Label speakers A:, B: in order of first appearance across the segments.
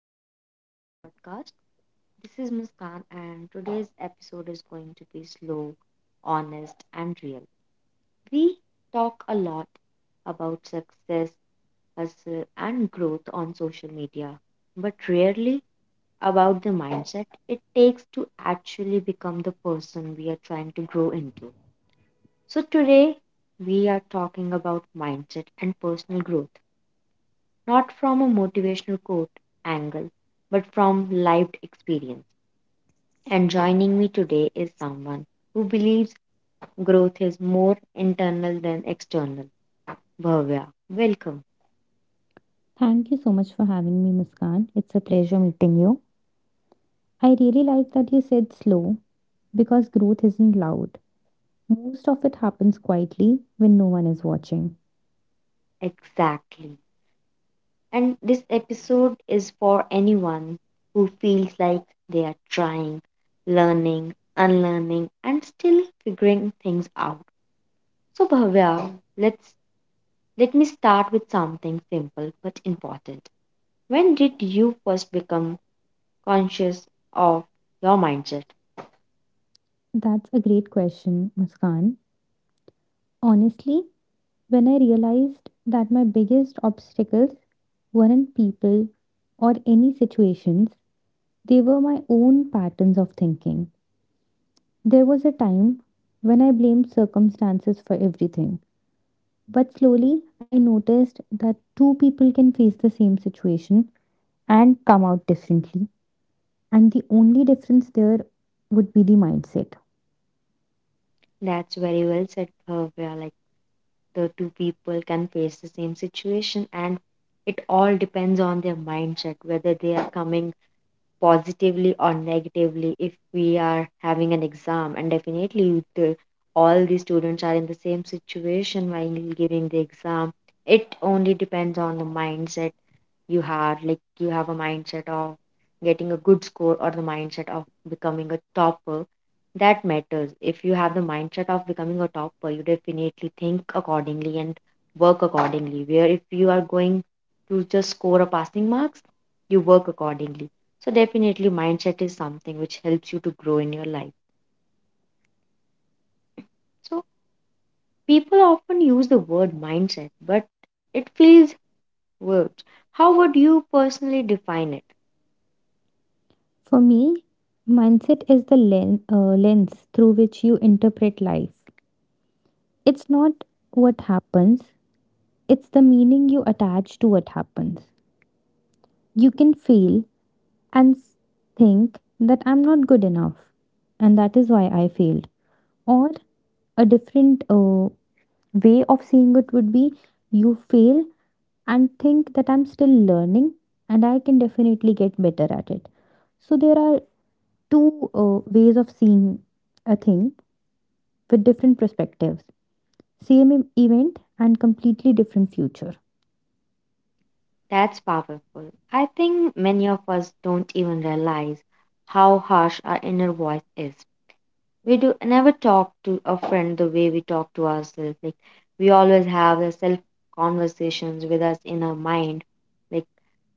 A: welcome back to the podcast. This is Muskan, and today's episode is going to be slow, honest, and real. We talk a lot about success, hustle, and growth on social media, but rarely about the mindset it takes to actually become the person we are trying to grow into. So, today we are talking about mindset and personal growth not from a motivational quote angle, but from lived experience. And joining me today is someone who believes growth is more internal than external. Bhavya, welcome.
B: Thank you so much for having me, Muskan. It's a pleasure meeting you. I really like that you said slow because growth isn't loud. Most of it happens quietly when no one is watching.
A: Exactly. And this episode is for anyone who feels like they are trying, learning, unlearning, and still figuring things out. So, Bhavya, let's let me start with something simple but important. When did you first become conscious of your mindset?
B: That's a great question, Muskan. Honestly, when I realized that my biggest obstacles weren't people or any situations, they were my own patterns of thinking. There was a time when I blamed circumstances for everything. But slowly, I noticed that two people can face the same situation and come out differently, and the only difference there would be the mindset.
A: That's very well said, Bhavya. Like the two people can face the same situation, and it all depends on their mindset, whether they are coming positively or negatively. If we are having an exam, and definitely the, all the students are in the same situation while giving the exam, it only depends on the mindset you have, like you have a mindset of getting a good score or the mindset of becoming a topper, that matters. If you have the mindset of becoming a topper, you definitely think accordingly and work accordingly, where if you are going to just score a passing marks, you work accordingly. So definitely mindset is something which helps you to grow in your life. So people often use the word mindset, but it feels words. How would you personally define it?
B: For me, mindset is the lens through which you interpret life. It's not what happens, it's the meaning you attach to what happens. You can fail and think that I'm not good enough, and that is why I failed, or a different way of seeing it would be you fail and think that I'm still learning and I can definitely get better at it. So there are two ways of seeing a thing with different perspectives, same event and completely different future.
A: That's powerful. I think many of us don't even realize how harsh our inner voice is. We do never talk to a friend the way we talk to ourselves. Like we always have the self conversations with us in our mind, like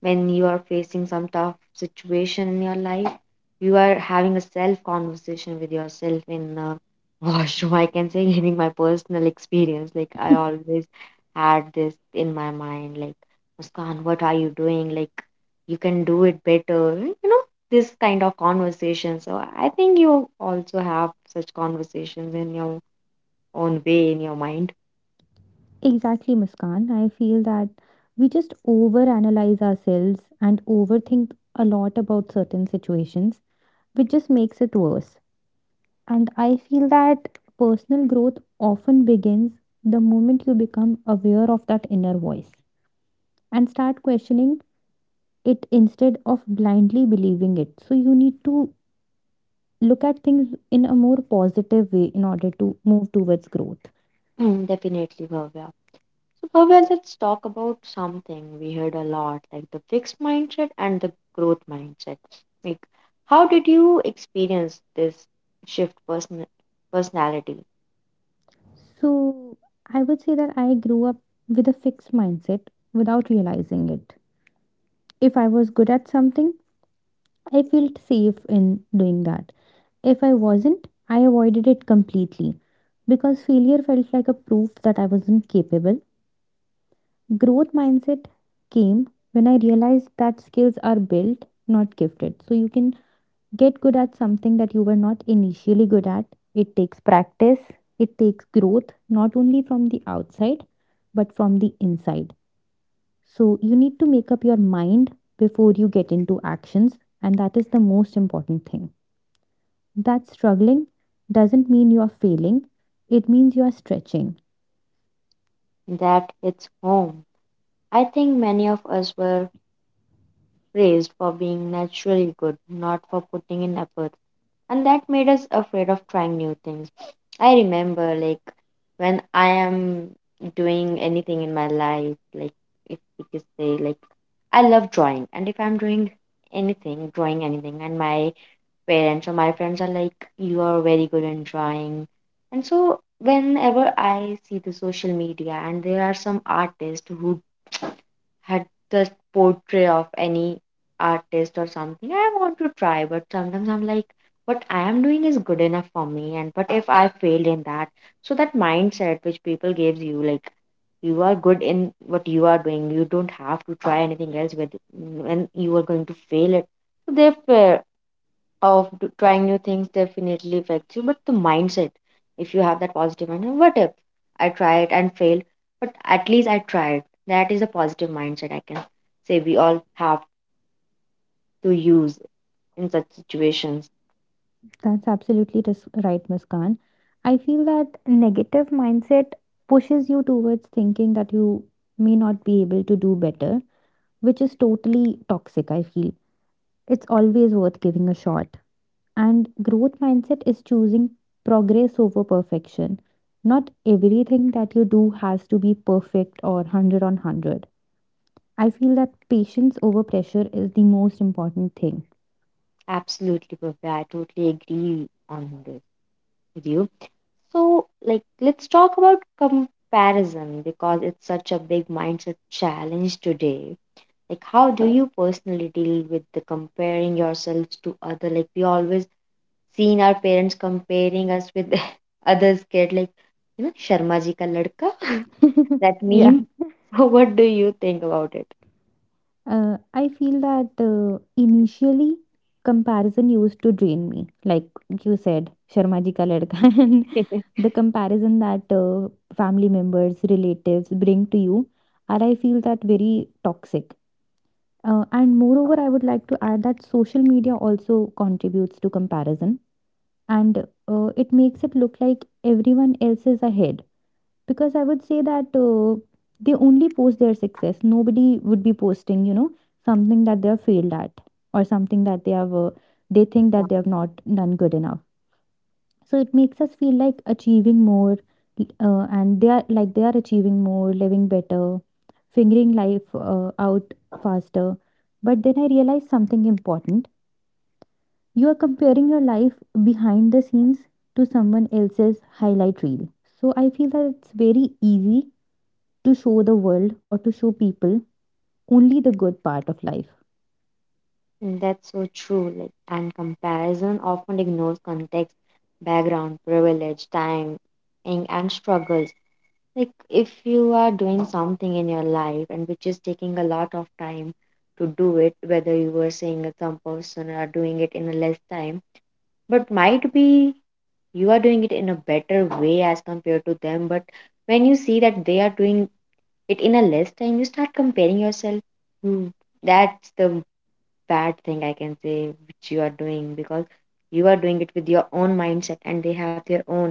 A: when you are facing some tough situation in your life, you are having a self conversation with yourself in the washroom. I can say, giving my personal experience, like I always had this in my mind, like Muskan, what are you doing, like you can do it better, this kind of conversation. So I think you also have such conversations in your own way in your mind.
B: Exactly, Muskan. I feel that we just overanalyze ourselves and overthink a lot about certain situations, which just makes it worse. And I feel that personal growth often begins the moment you become aware of that inner voice and start questioning it instead of blindly believing it. So you need to look at things in a more positive way in order to move towards growth.
A: Mm, definitely, Bhavya. So Bhavya, let's talk about something we heard a lot, like the fixed mindset and the growth mindset. Like, how did you experience this shift, personality?
B: So I would say that I grew up with a fixed mindset without realizing it. If I was good at something, I felt safe in doing that. If I wasn't, I avoided it completely because failure felt like a proof that I wasn't capable. Growth mindset came when I realized that skills are built, not gifted. So you can get good at something that you were not initially good at. It takes practice, it takes growth, not only from the outside, but from the inside. So you need to make up your mind before you get into actions, and that is the most important thing that struggling doesn't mean you're failing, it means you're stretching.
A: That hits home. I think many of us were praised for being naturally good, not for putting in effort, and that made us afraid of trying new things. I remember, like, when I am doing anything in my life, like, if we could say, like, I love drawing, and if I'm doing anything, drawing anything, and my parents or my friends are like, you are very good in drawing, and so whenever I see the social media and there are some artists who had the portrait of any artist or something, I want to try, but sometimes I'm like, what I am doing is good enough for me, and but if I failed in that, so that mindset which people gives you, like you are good in what you are doing, you don't have to try anything else with, when you are going to fail it. So they fail of trying new things definitely affects you, but the mindset, if you have that positive mindset, what if I try it and failed, but at least I tried. That is a positive mindset I can say we all have to use in such situations.
B: That's absolutely right, Muskan. I feel that negative mindset pushes you towards thinking that you may not be able to do better, which is totally toxic, I feel. It's always worth giving a shot. And growth mindset is choosing progress over perfection. Not everything that you do has to be perfect or 100 on 100. I feel that patience over pressure is the most important thing.
A: Absolutely, Bhavya, I totally agree on this with you. So, like, let's talk about comparison because it's such a big mindset challenge today. Like, how do you personally deal with the comparing yourselves to other? Like, we always seen our parents comparing us with others kid, like you know sharma ji ka ladka that
B: Yeah.
A: meme so what do you think about it?
B: I feel that initially comparison used to drain me, like you said, Sharma ji ka ladka, and the comparison that family members, relatives bring to you are, I feel that very toxic. And moreover, I would like to add that social media also contributes to comparison, and it makes it look like everyone else is ahead because I would say that they only post their success. Nobody would be posting, you know, something that they have failed at or something that they have they think
A: Yeah,
B: that they have not done good enough. So it makes us feel like achieving more, and they are achieving more, living better, figuring life out faster. But then I realized something important. You are comparing your life behind the scenes to someone else's highlight reel. So I feel that it's very easy to show the world or to show people only the good part of life.
A: and that's so true. Like, and comparison often ignores context, background, privilege, time, and struggles. Like, if you are doing something in your life and which is taking a lot of time to do it, whether you were saying that some person are doing it in a less time, but might be you are doing it in a better way as compared to them, but when you see that they are doing it in a less time, you start comparing yourself. Hmm, that's the bad thing I can say which you are doing, because you are doing it with your own mindset and they have their own.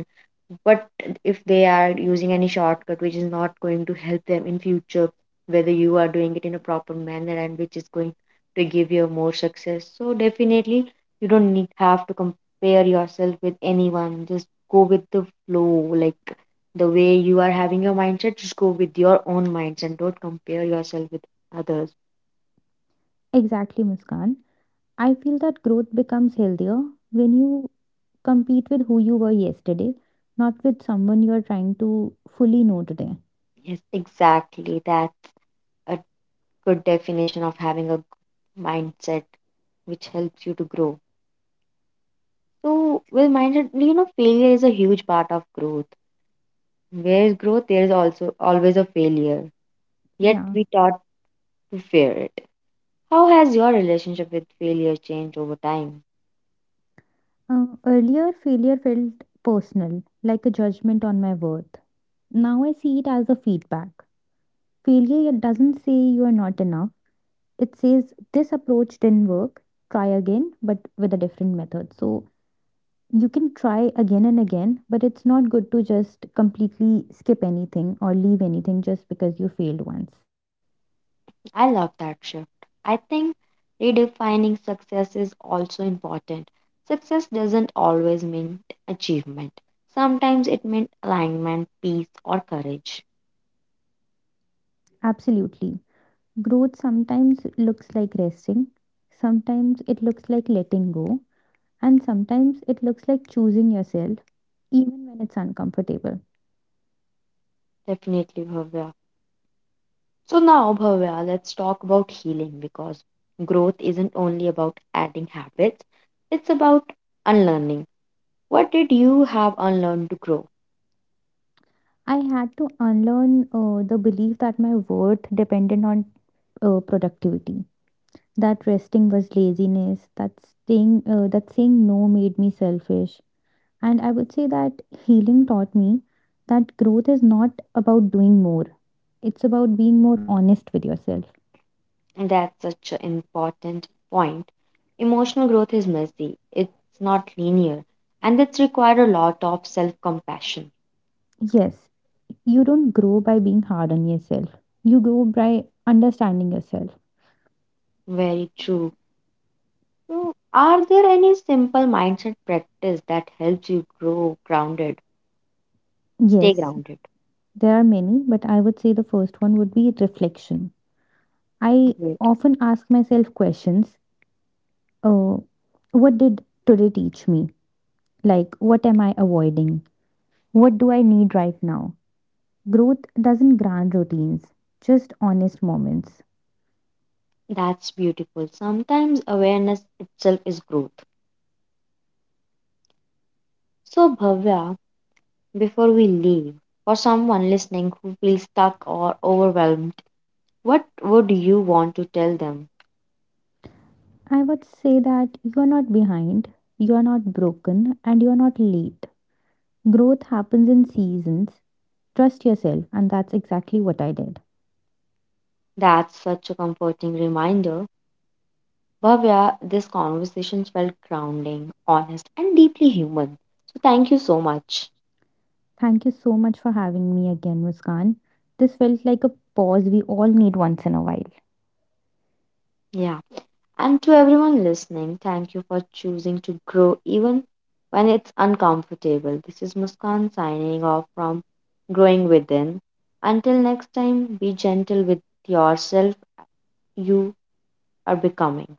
A: But if they are using any shortcut which is not going to help them in future, whether you are doing it in a proper manner and which is going to give you more success. So definitely you don't need have to compare yourself with anyone. Just go with the flow. Like the way you are having your mindset, just go with your own mindset. And don't compare yourself with others.
B: Exactly, Muskan. I feel that growth becomes healthier when you compete with who you were yesterday, not with someone you are trying to fully know today.
A: Yes, exactly. That's a good definition of having a good mindset which helps you to grow. So, with mindset, failure is a huge part of growth. Where is growth, there is also always a failure. Yet
B: Yeah.
A: we taught to fear it. How has your relationship with failure changed over time?
B: Earlier, failure felt personal, like a judgment on my worth. Now I see it as a feedback. Failure doesn't say you are not enough, it says this approach didn't work, try again, but with a different method. So you can try again and again, but it's not good to just completely skip anything or leave anything just because you failed once.
A: I love that shift. I think redefining success is also important. Success doesn't always mean achievement. Sometimes it meant alignment, peace, or courage.
B: Absolutely. Growth sometimes looks like resting, sometimes it looks like letting go, and sometimes it looks like choosing yourself, even when it's uncomfortable.
A: Definitely, Bhavya. So now, Bhavya, let's talk about healing because growth isn't only about adding habits, it's about unlearning. What did you have unlearned to grow?
B: I had to unlearn the belief that my worth depended on productivity, that resting was laziness, that staying that saying no made me selfish. And I would say that healing taught me that growth is not about doing more, it's about being more honest with yourself.
A: And that's such an important point. Emotional growth is messy, it's not linear, and it's required a lot of self compassion.
B: Yes, you don't grow by being hard on yourself, you grow by understanding yourself.
A: Very true. So, are there any simple mindset practice that helps you grow grounded? Stay
B: Yes,
A: grounded.
B: there are many, but I would say the first one would be reflection. I often ask myself questions uh, What did today teach me? Like, what am I avoiding? What do I need right now? Growth doesn't grant routines, just honest moments.
A: That's beautiful. Sometimes awareness itself is growth. So, Bhavya, before we leave, for someone listening who feels stuck or overwhelmed, what would you want to tell them?
B: I would say that you're not behind, you're not broken, and you're not late. Growth happens in seasons. Trust yourself, and that's exactly what I did.
A: That's such a comforting reminder. Bhavya, this conversation felt grounding, honest, and deeply human. So, thank you so much.
B: Thank you so much for having me again, Muskan. This felt like a pause we all need once in a while.
A: Yeah. And to everyone listening, thank you for choosing to grow even when it's uncomfortable. This is Muskan signing off from Growing Within. Until next time, be gentle with yourself. You are becoming.